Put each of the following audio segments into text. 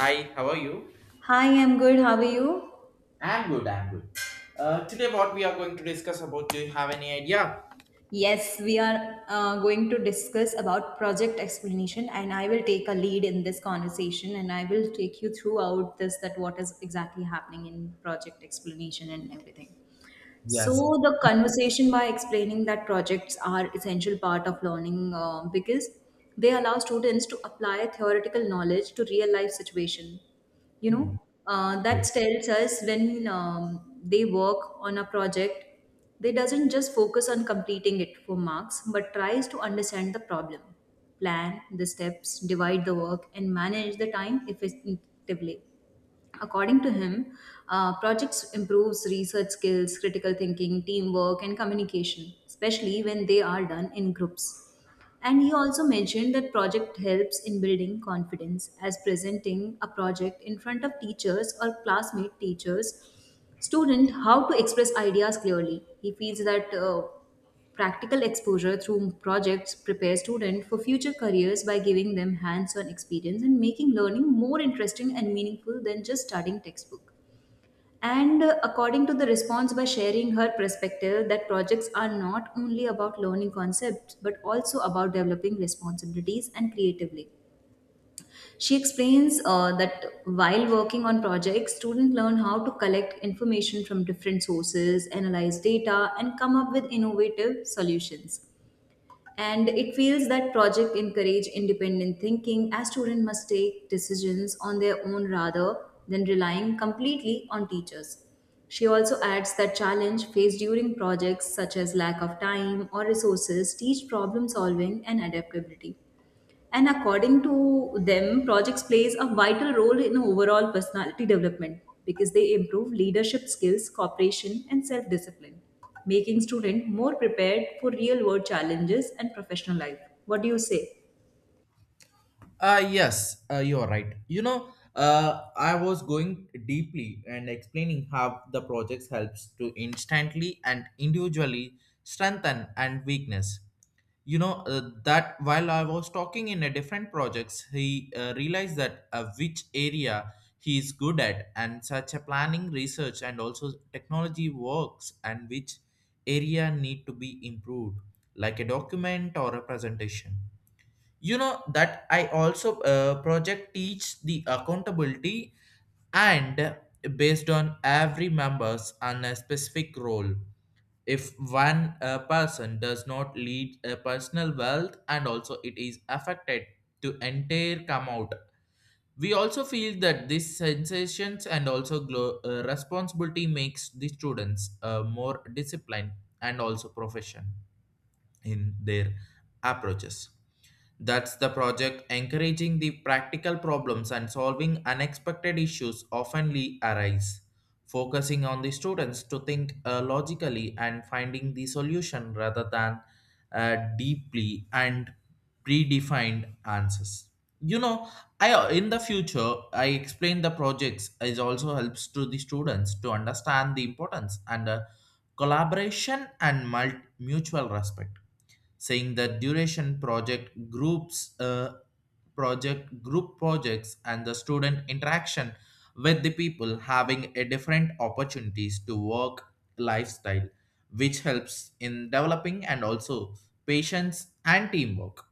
Hi, how are you? Hi, I'm good. How are you? I'm good, I'm good. Today, what we are going to discuss about? Do you have any idea? Yes, we are going to discuss about project explanation, and I will take a lead in this conversation, and I will take you throughout this that what is exactly happening in project explanation and everything. So Yes. the conversation by explaining that projects are essential part of learning because they allow students to apply theoretical knowledge to real life situation. You Hmm. know that Yes. tells us when they work on a project, they doesn't just focus on completing it for marks, but tries to understand the problem, plan the steps, divide the work, and manage the time effectively. According to him, projects improves research skills, critical thinking, teamwork, and communication, especially when they are done in groups. And he also mentioned that project helps in building confidence, as presenting a project in front of teachers or classmate teachers student how to express ideas clearly. He feels that practical exposure through projects prepare students for future careers by giving them hands on experience and making learning more interesting and meaningful than just studying textbook. And according to the response, by sharing her perspective, that projects are not only about learning concepts but also about developing responsibilities and creatively. She explains that while working on projects, students learn how to collect information from different sources, analyze data, and come up with innovative solutions, and it feels that project encourage independent thinking as students must take decisions on their own rather than relying completely on teachers. She also adds that challenge faced during projects such as lack of time or resources teach problem solving and adaptability. And according to them, projects plays a vital role in overall personality development because they improve leadership skills, cooperation, and self-discipline, making students more prepared for real-world challenges and professional life. What do you say? Yes, you're right. You know, I was going deeply and explaining how the projects helps to instantly and individually strengthen and weakness. You know, that while I was talking in a different projects he realized that, which area he is good at, and such a planning research and also technology works, and which area need to be improved, like a document or a presentation. You know that I also, project teach the accountability, and based on every members on a specific role. If one person does not lead a personal wealth, and also it is affected to entire come out. We also feel that these sensations and also responsibility makes the students more disciplined and also profession in their approaches. That's the project encouraging the practical problems and solving unexpected issues oftenly arise, focusing on the students to think logically and finding the solution rather than deeply and predefined answers. You know, I in the future I explain the projects is also helps to the students to understand the importance and collaboration and mutual respect, saying that duration project groups, project group projects, and the student interaction with the people having a different opportunities to work lifestyle, which helps in developing and also patience and teamwork.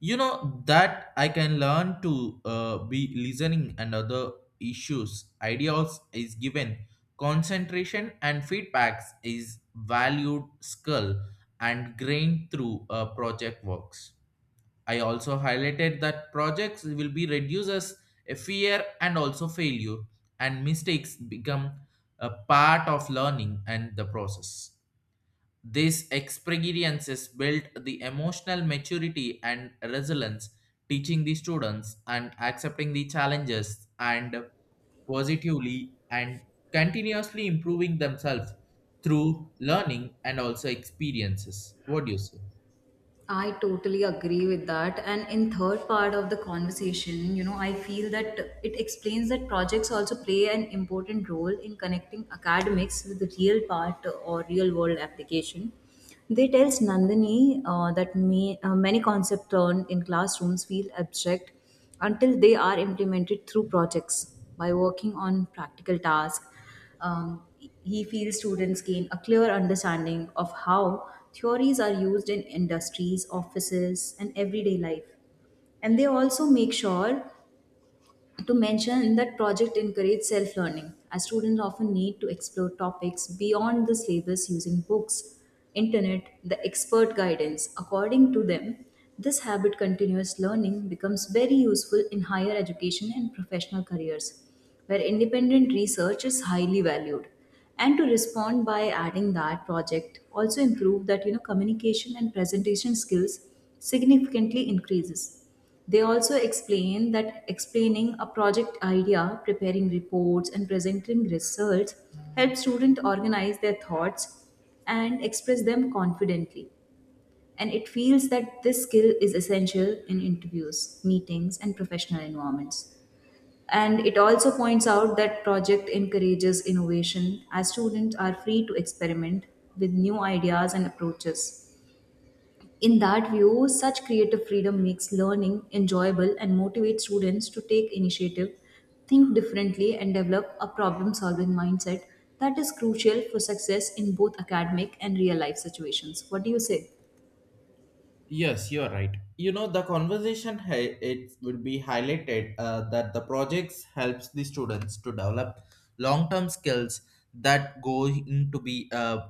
You know that I can learn to be listening, and other issues ideas is given concentration, and feedbacks is valued skill and grain through project works. I also highlighted that projects will be reduces a fear and also failure, and mistakes become a part of learning and the process. These experiences built the emotional maturity and resilience, teaching the students and accepting the challenges and positively and continuously improving themselves through learning and also experiences. What do you say? I totally agree with that. And in third part of the conversation, you know, I feel that it explains that projects also play an important role in connecting academics with the real part or real world application. They tells Nandini that many concepts learned in classrooms feel abstract until they are implemented through projects by working on practical tasks. um, he feels students gain a clear understanding of how theories are used in industries, offices, and everyday life. And they also make sure to mention that project encourage self-learning, as students often need to explore topics beyond the syllabus using books, internet, the expert guidance. According to them, this habit continuous learning becomes very useful in higher education and professional careers, where independent research is highly valued, and to respond by adding that project also improve that, communication and presentation skills significantly increases. They also explain that explaining a project idea, preparing reports, and presenting results help students organize their thoughts and express them confidently, and it feels that this skill is essential in interviews, meetings, and professional environments. And it also points out that project encourages innovation as students are free to experiment with new ideas and approaches. In that view, such creative freedom makes learning enjoyable and motivates students to take initiative, think differently, and develop a problem solving mindset that is crucial for success in both academic and real life situations. What do you say? Yes, you are right. You know, the it would be highlighted that the projects helps the students to develop long-term skills that go into be,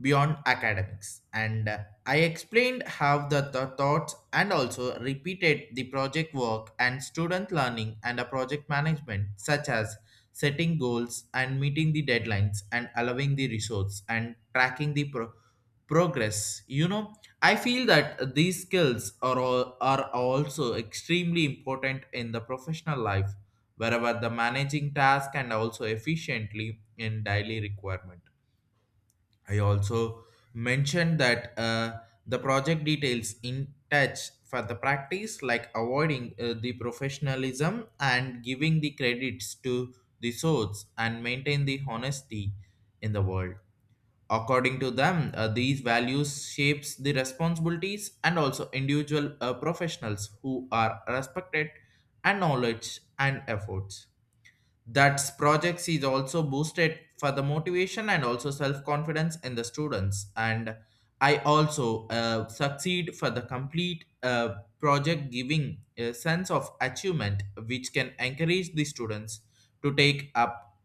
beyond academics. And I explained how the thoughts and also repeated the project work and student learning and a project management, such as setting goals and meeting the deadlines and allowing the resource and tracking the progress. You know, I feel that these skills are also extremely important in the professional life, wherever the managing task and also efficiently in daily requirement. I also mentioned that, the project details in touch for the practice, like avoiding the professionalism and giving the credits to the source and maintain the honesty in the world. According to them, these values shapes the responsibilities and also individual professionals who are respected and knowledge and efforts. That projects is also boosted for the motivation and also self-confidence in the students. And I also succeed for the complete project giving a sense of achievement, which can encourage the students to take up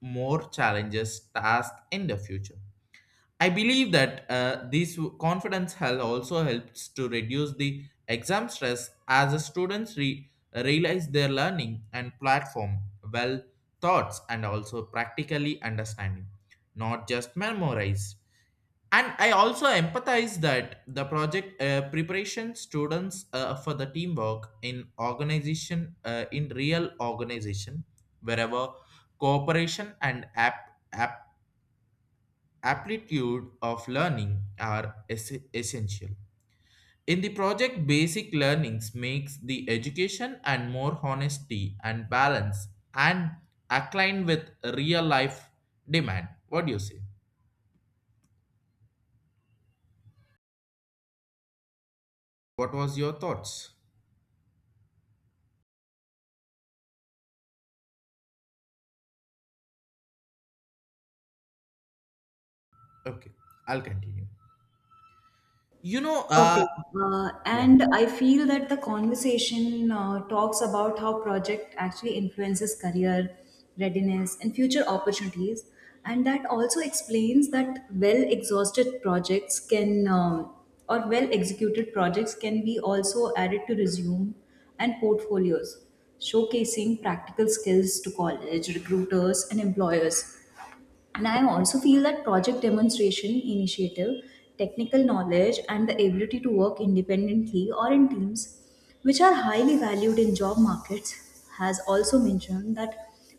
more challenges task in the future. I believe that this confidence hell also helps to reduce the exam stress as the students realize their learning and platform well thoughts and also practically understanding, not just memorize. And I also empathize that the project preparation students, for the teamwork in organization, in real organization, wherever cooperation and app aptitude of learning are essential. In the project, basic learnings makes the education and more honesty and balance and align with real life demand. What do you say? What was your thoughts? Okay, I'll continue. You know, Okay. Uh, yeah. and I feel that the conversation talks about how project actually influences career readiness and future opportunities. And that also explains that well exhausted projects, or well executed projects can be also added to resume and portfolios, showcasing practical skills to college, recruiters, and employers. And I also feel that project demonstration, initiative, technical knowledge, and the ability to work independently or in teams, which are highly valued in job markets, has also mentioned that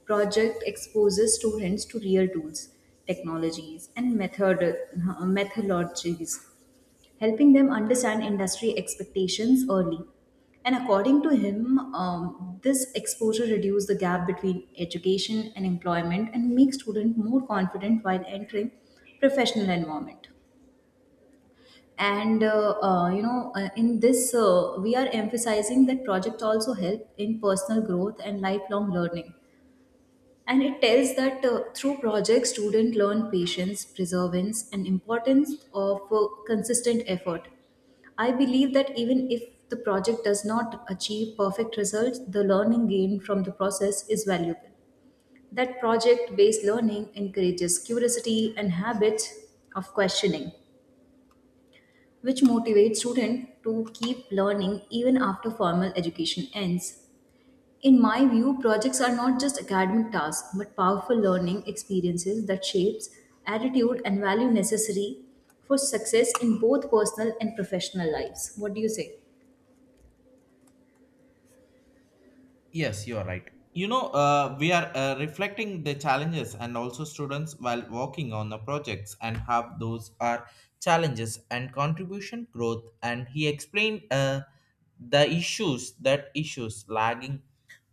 project exposes students to real tools, technologies, and methodologies helping them understand industry expectations early. And according to him, this exposure reduces the gap between education and employment and makes students more confident while entering professional environment. And in this, we are emphasizing that project also help in personal growth and lifelong learning, and it tells that through projects students learn patience, perseverance, and importance of consistent effort. I believe that even if the project does not achieve perfect results, the learning gained from the process is valuable, that project based learning encourages curiosity and habits of questioning, which motivates students to keep learning even after formal education ends. In my view, projects are not just academic tasks, but powerful learning experiences that shapes attitude and value necessary for success in both personal and professional lives. What do you say? Yes, you are right. You know, we are reflecting the challenges and also students while working on the projects, and have those are challenges and contribution growth. And he explained the issues that issues lagging,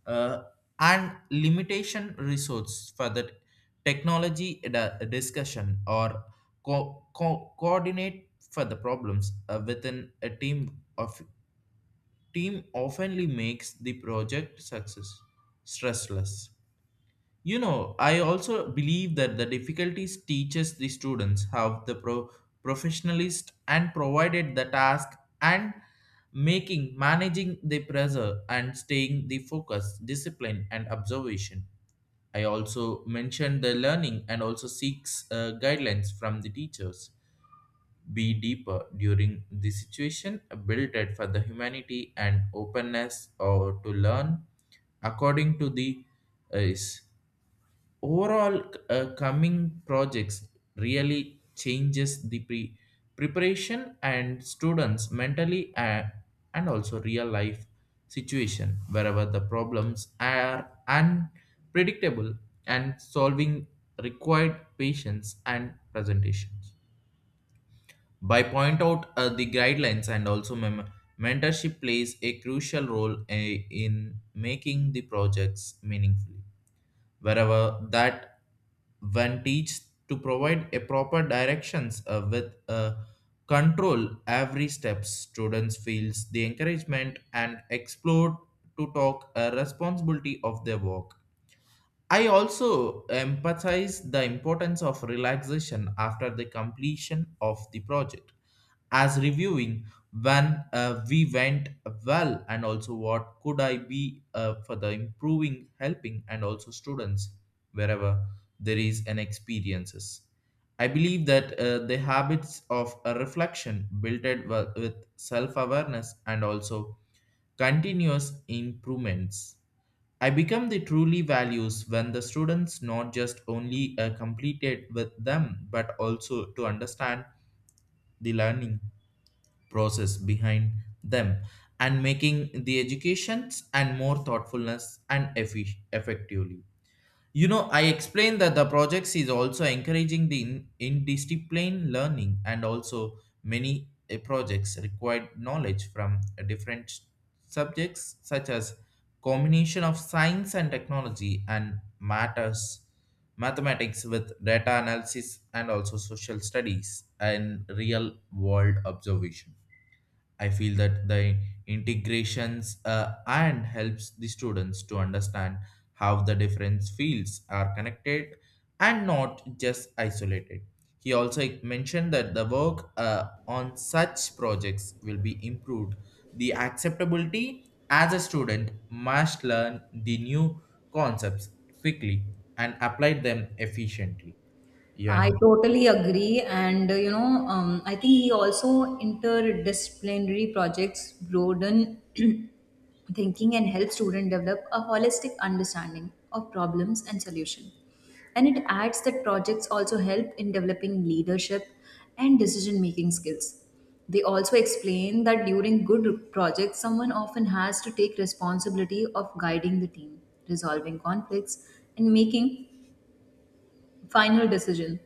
uh, and limitation resource for the technology discussion or coordinate for the problems, within a team of team oftenly makes the project success stressless. You know, I also believe that the difficulties teaches the students how the professionalist and provided the task, and making managing the pressure and staying the focus, discipline and observation. I also mentioned the learning and also seeks guidelines from the teachers be deeper during the situation, built it for the humanity and openness or to learn according to the, is overall coming projects really changes the preparation and students mentally, and also real life situation wherever the problems are unpredictable and solving required patience and presentation. By point out the guidelines and also mentorship plays a crucial role, in making the projects meaningful, wherever that when teach to provide a proper directions with control every step students feels the encouragement and explore to talk a responsibility of their work. I also emphasize the importance of relaxation after the completion of the project as reviewing when we went well and also what could I be for the improving helping and also students wherever there is an experiences. I believe that the habits of a reflection built it with self-awareness and also continuous improvements. I become the truly values when the students not just only completed with them, but also to understand the learning process behind them, and making the educations and more thoughtfulness and effectively. You know, I explained that the projects is also encouraging the indiscipline learning and also many projects required knowledge from different subjects such as combination of science and technology and matters mathematics with data analysis and also social studies and real world observation. I feel that the integrations, and helps the students to understand how the different fields are connected and not just isolated. He also mentioned that the work on such projects will be improved. The acceptability, as a student must learn the new concepts quickly and apply them efficiently. Yeah. I totally agree. And, I think he also interdisciplinary projects broaden thinking and help students develop a holistic understanding of problems and solution. And it adds that projects also help in developing leadership and decision making skills. They also explain that during good projects, someone often has to take responsibility of guiding the team, resolving conflicts, and making final decision,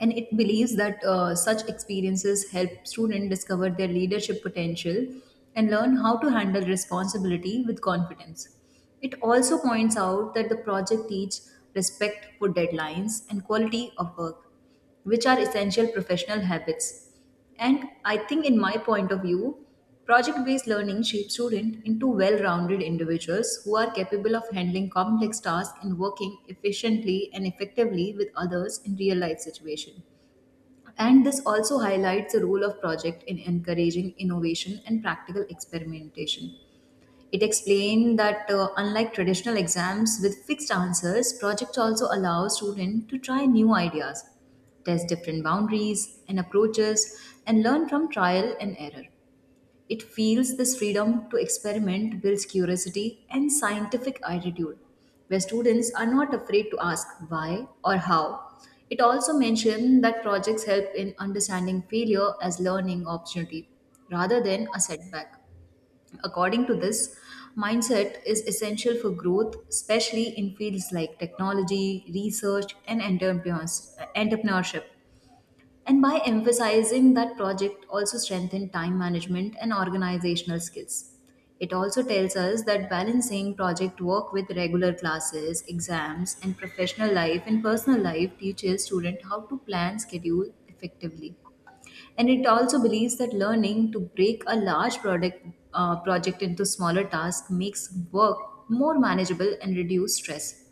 and it believes that such experiences help students discover their leadership potential and learn how to handle responsibility with confidence. It also points out that the project teaches respect for deadlines and quality of work, which are essential professional habits. And I think, in my point of view, project based learning shapes students into well rounded individuals who are capable of handling complex tasks and working efficiently and effectively with others in real life situations. And this also highlights the role of project in encouraging innovation and practical experimentation. It explained that unlike traditional exams with fixed answers, projects also allow students to try new ideas, test different boundaries and approaches, and learn from trial and error. It feels this freedom to experiment builds curiosity and scientific attitude, where students are not afraid to ask why or how. It also mentioned that projects help in understanding failure as learning opportunity rather than a setback. According to this, mindset is essential for growth, especially in fields like technology, research, and entrepreneurship. And by emphasizing that project also strengthen time management and organizational skills. It also tells us that balancing project work with regular classes, exams, and professional life and personal life teaches students how to plan schedule effectively. And it also believes that learning to break a large project into smaller tasks makes work more manageable and reduce stress.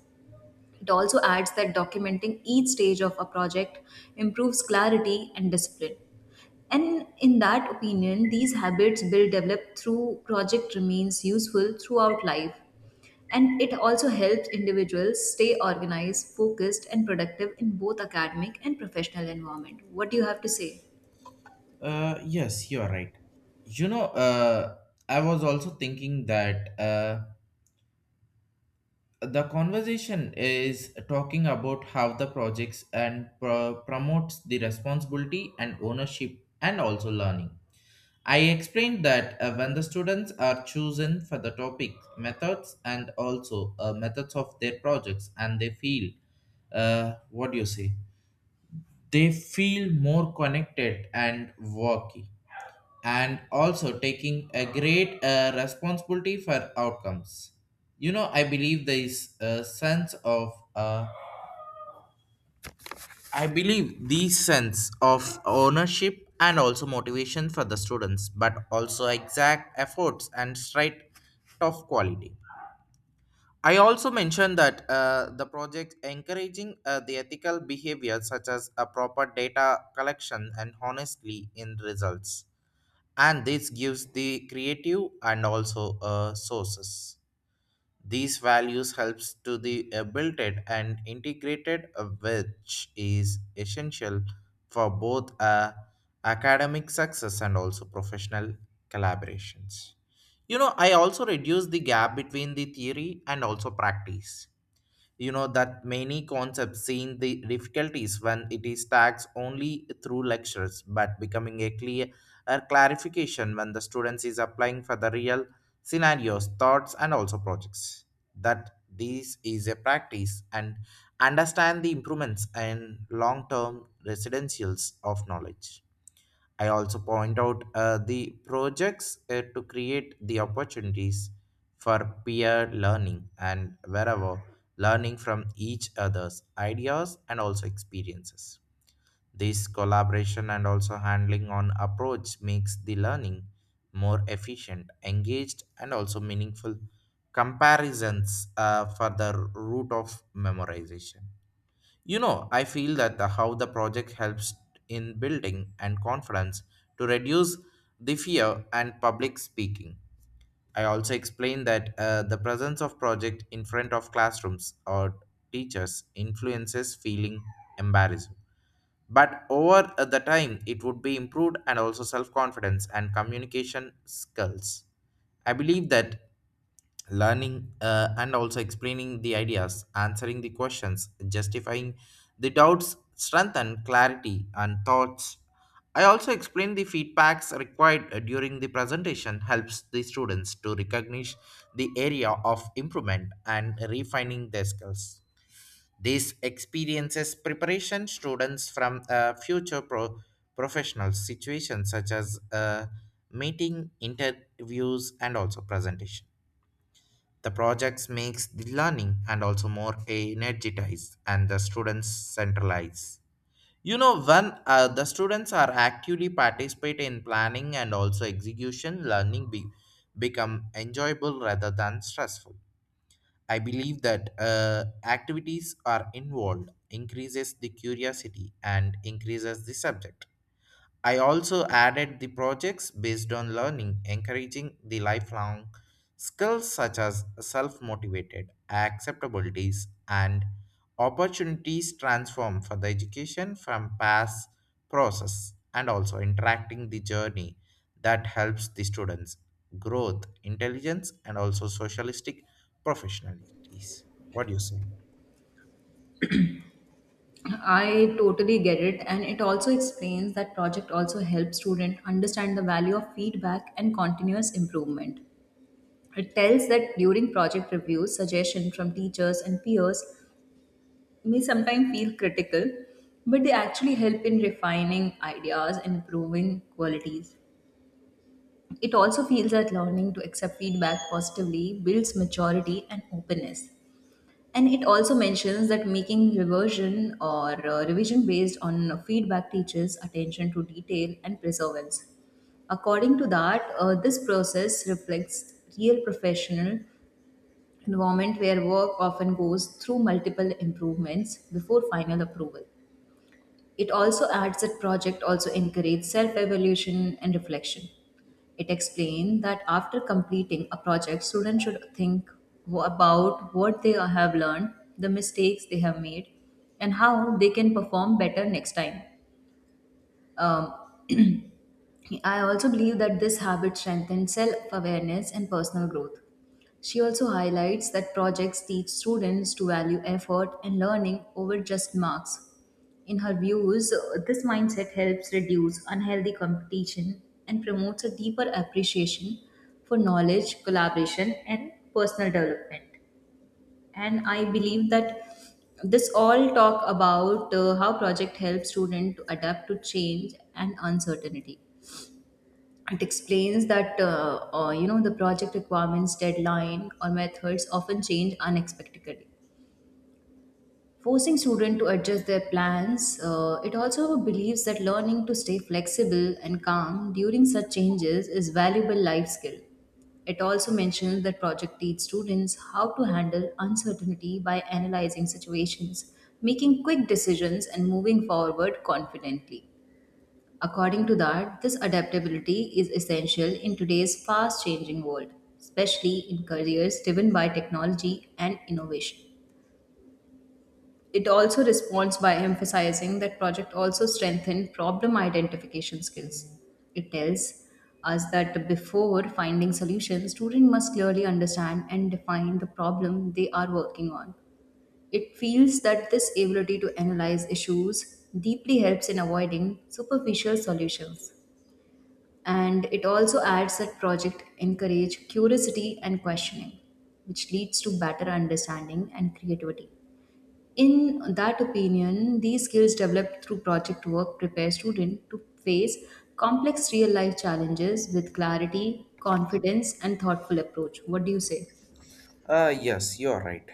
It also adds that documenting each stage of a project improves clarity and discipline. And in that opinion, these habits built developed through project remains useful throughout life. And it also helps individuals stay organized, focused, and productive in both academic and professional environment. What do you have to say? Yes, you are right. You know, I was also thinking that the conversation is talking about how the projects and promotes the responsibility and ownership and also learning. I explained that when the students are chosen for the topic, methods, and also methods of their projects, and they feel, what do you say? They feel more connected and worky, and also taking a great responsibility for outcomes. You know, uh, I believe these sense of ownership and also motivation for the students but also exact efforts and straight of quality. I also mentioned that the project encouraging, the ethical behavior such as a proper data collection and honestly in results, and this gives the creative and also sources. These values helps to the, built it and integrated, which is essential for both, academic success and also professional collaborations. You know, I also reduce the gap between the theory and also practice. You know that many concepts seen the difficulties when it is taxed only through lectures, but becoming a clarification when the students is applying for the real scenarios thoughts and also projects. That this is a practice and understand the improvements and long-term residentials of knowledge. I also point out the projects to create the opportunities for peer learning and wherever learning from each other's ideas and also experiences. This collaboration and also handling on approach makes the learning more efficient, engaged, and also meaningful comparisons for the root of memorization. You know, I feel that the, how the project helps in building and confidence to reduce the fear and public speaking. I also explained that the presence of project in front of classrooms or teachers influences feeling embarrassed. But over the time, it would be improved and also self confidence and communication skills. I believe that learning, and also explaining the ideas, answering the questions, justifying the doubts, strengthen clarity and thoughts. I also explain the feedbacks required during the presentation helps the students to recognize the area of improvement and refining their skills. These experiences preparation students from future professional situations such as, meeting interviews and also presentation. The projects makes the learning and also more energized and the students centralized. You know, when the students are actively participate in planning and also execution, learning become enjoyable rather than stressful. I believe that activities are involved increases the curiosity and increases the subject. I also added the projects based on learning, encouraging the lifelong skills such as self motivated, acceptabilities, and opportunities transform for the education from past process and also interacting the journey that helps the students growth intelligence and also socialistic professionalities. What do you say? I totally get it, and it also explains that project also helps student understand the value of feedback and continuous improvement. It tells that during project reviews, suggestion from teachers and peers may sometimes feel critical, but they actually help in refining ideas and improving qualities. It also feels that learning to accept feedback positively builds maturity and openness. And it also mentions that making reversion or revision based on feedback teaches attention to detail and perseverance. According to that, this process reflects real professional environment where work often goes through multiple improvements before final approval. It also adds that project also encourage self-evaluation and reflection. It explained that after completing a project, students should think about what they have learned, the mistakes they have made, and how they can perform better next time. Um, I also believe that this habit strengthens self awareness and personal growth. She also highlights that projects teach students to value effort and learning over just marks. In her views, this mindset helps reduce unhealthy competition and promotes a deeper appreciation for knowledge, collaboration, and personal development. And I believe that this all talk about how project helps students to adapt to change and uncertainty. It explains that the project requirements, deadline, or methods often change unexpectedly, forcing students to adjust their plans. It also believes that learning to stay flexible and calm during such changes is valuable life skill. It also mentions that project teach students how to handle uncertainty by analyzing situations, making quick decisions, and moving forward confidently. According to that, this adaptability is essential in today's fast changing world, especially in careers driven by technology and innovation. It also responds by emphasizing that project also strengthen problem identification skills. It tells us that before finding solutions, student must clearly understand and define the problem they are working on. It feels that this ability to analyze issues deeply helps in avoiding superficial solutions. And it also adds that project encourage curiosity and questioning, which leads to better understanding and creativity. In that opinion, these skills developed through project work prepare students to face complex real life challenges with clarity, confidence, and thoughtful approach. What do you say? Yes, you're right.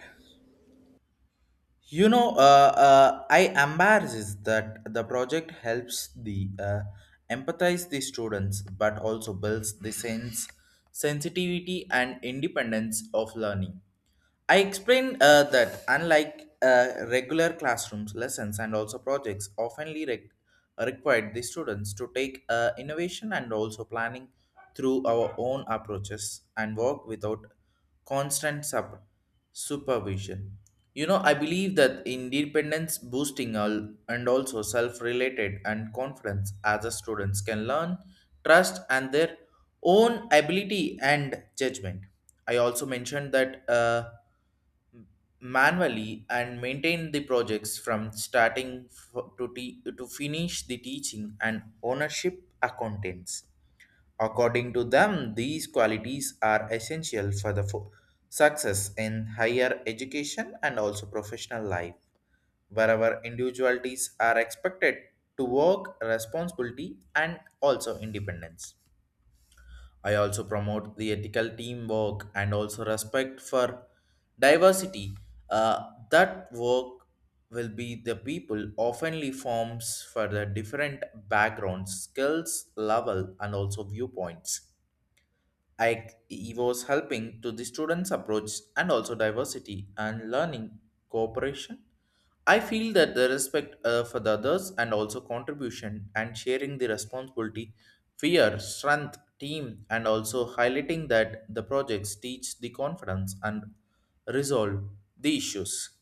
You know, I embarrasses that the project helps the, empathize the students, but also builds the sense sensitivity and independence of learning. I explained that unlike regular classrooms, lessons, and also projects oftenly required the students to take innovation and also planning through our own approaches and work without constant supervision. You know, I believe that independence boosting and also self related and confidence as the students can learn, trust, and their own ability and judgment. I also mentioned that. Manually and maintain the projects from starting to finish the teaching and ownership accountants. According to them, these qualities are essential for the success in higher education and also professional life, wherever individualities are expected to work responsibility and also independence. I also promote the ethical teamwork and also respect for diversity. That work will be the people oftenly forms for the different backgrounds, skills, level, and also viewpoints. I he was helping to the students' approach and also diversity and learning cooperation. I feel that the respect for the others and also contribution and sharing the responsibility, fear, strength, team, and also highlighting that the projects teach the confidence and resolve the issues.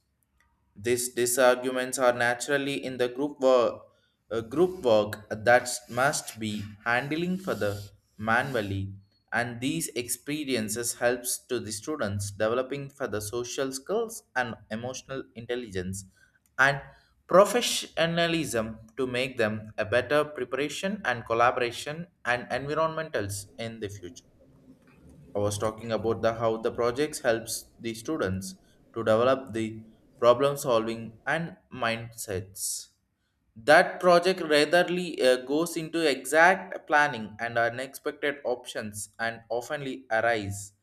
These disarguments are naturally in the group work that must be handling further manually, and these experiences helps to the students developing further social skills and emotional intelligence and professionalism to make them a better preparation and collaboration and environmentals in the future. I was talking about the how the projects helps the students to develop the problem solving and mindsets. That project rarely goes into exact planning and unexpected options and oftenly arise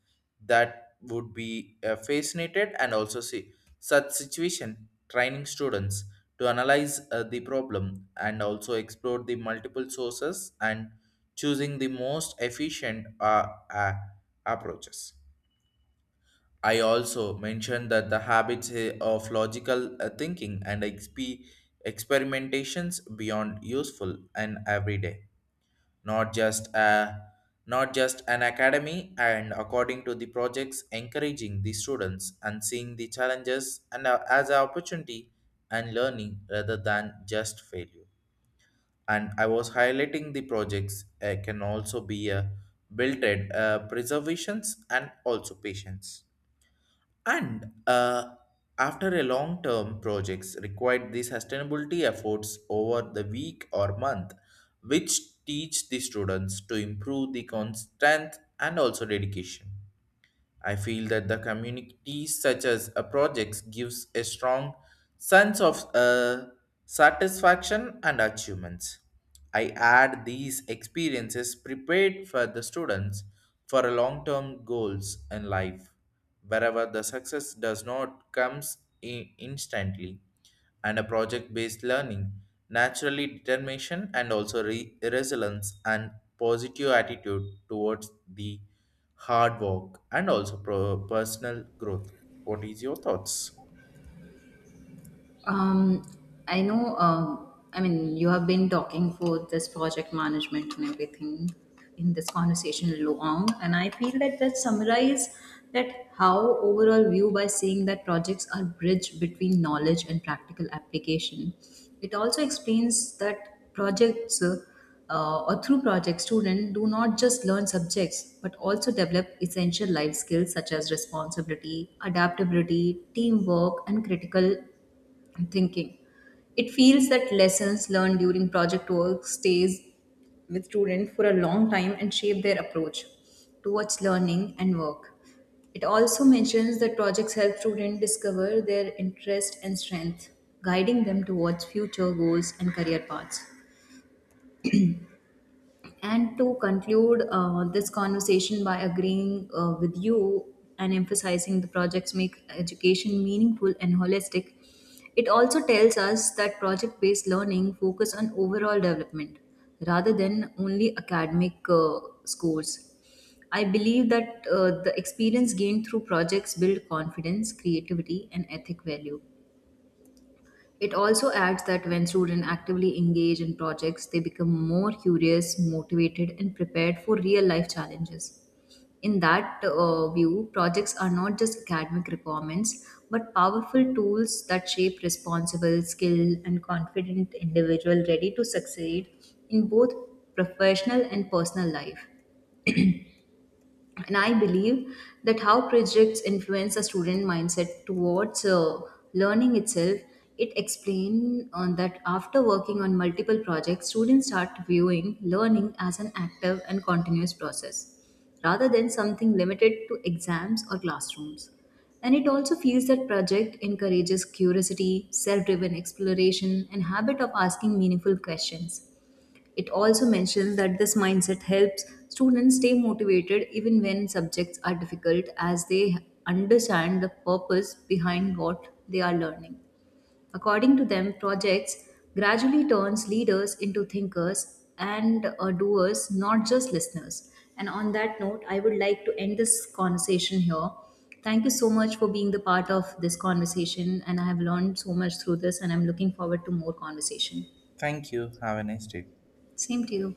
that would be fascinated and also see such situation training students to analyze the problem and also explore the multiple sources and choosing the most efficient approaches. I also mentioned that the habits of logical thinking and experimentations beyond useful and everyday, not just uh, not just an academy, and according to the projects encouraging the students and seeing the challenges and, as an opportunity and learning rather than just failure. And I was highlighting the projects can also be built in preservations and also patience. And after a long-term projects required the sustainability efforts over the week or month, which teach the students to improve the constant and also dedication. I feel that the communities such as a projects gives a strong sense of satisfaction and achievements. I add these experiences prepared for the students for a long-term goals in life, wherever the success does not comes instantly, and a project-based learning, naturally determination and also resilience and positive attitude towards the hard work and also personal growth. What is your thoughts? Um, I know, I mean, you have been talking for this project management and everything in this conversation long, and I feel that that summarize that how overall view by seeing that projects are bridge between knowledge and practical application. It also explains that projects, or through projects, students do not just learn subjects but also develop essential life skills such as responsibility, adaptability, teamwork, and critical thinking. It feels that lessons learned during project work stays with students for a long time and shape their approach towards learning and work. It also mentions that projects help students discover their interest and strength, guiding them towards future goals and career paths. And to conclude this conversation by agreeing with you and emphasizing the projects make education meaningful and holistic, it also tells us that project based learning focus on overall development rather than only academic scores. I believe that the experience gained through projects build confidence, creativity, and ethic value. It also adds that when students actively engage in projects, they become more curious, motivated, and prepared for real life challenges. In that view, projects are not just academic requirements, but powerful tools that shape responsible, skilled, and confident individual ready to succeed in both professional and personal life. And I believe that how projects influence a student mindset towards learning itself. It explained on that after working on multiple projects, students start viewing learning as an active and continuous process rather than something limited to exams or classrooms, and it also feels that project encourages curiosity, self-driven exploration, and habit of asking meaningful questions. It also mentions that this mindset helps students stay motivated even when subjects are difficult, as they understand the purpose behind what they are learning. According to them, projects gradually turns leaders into thinkers and doers, not just listeners. And on that note, I would like to end this conversation here. Thank you so much for being the part of this conversation and I have learned so much through this and I'm looking forward to more conversation. Thank you. Have a nice day. Same to you.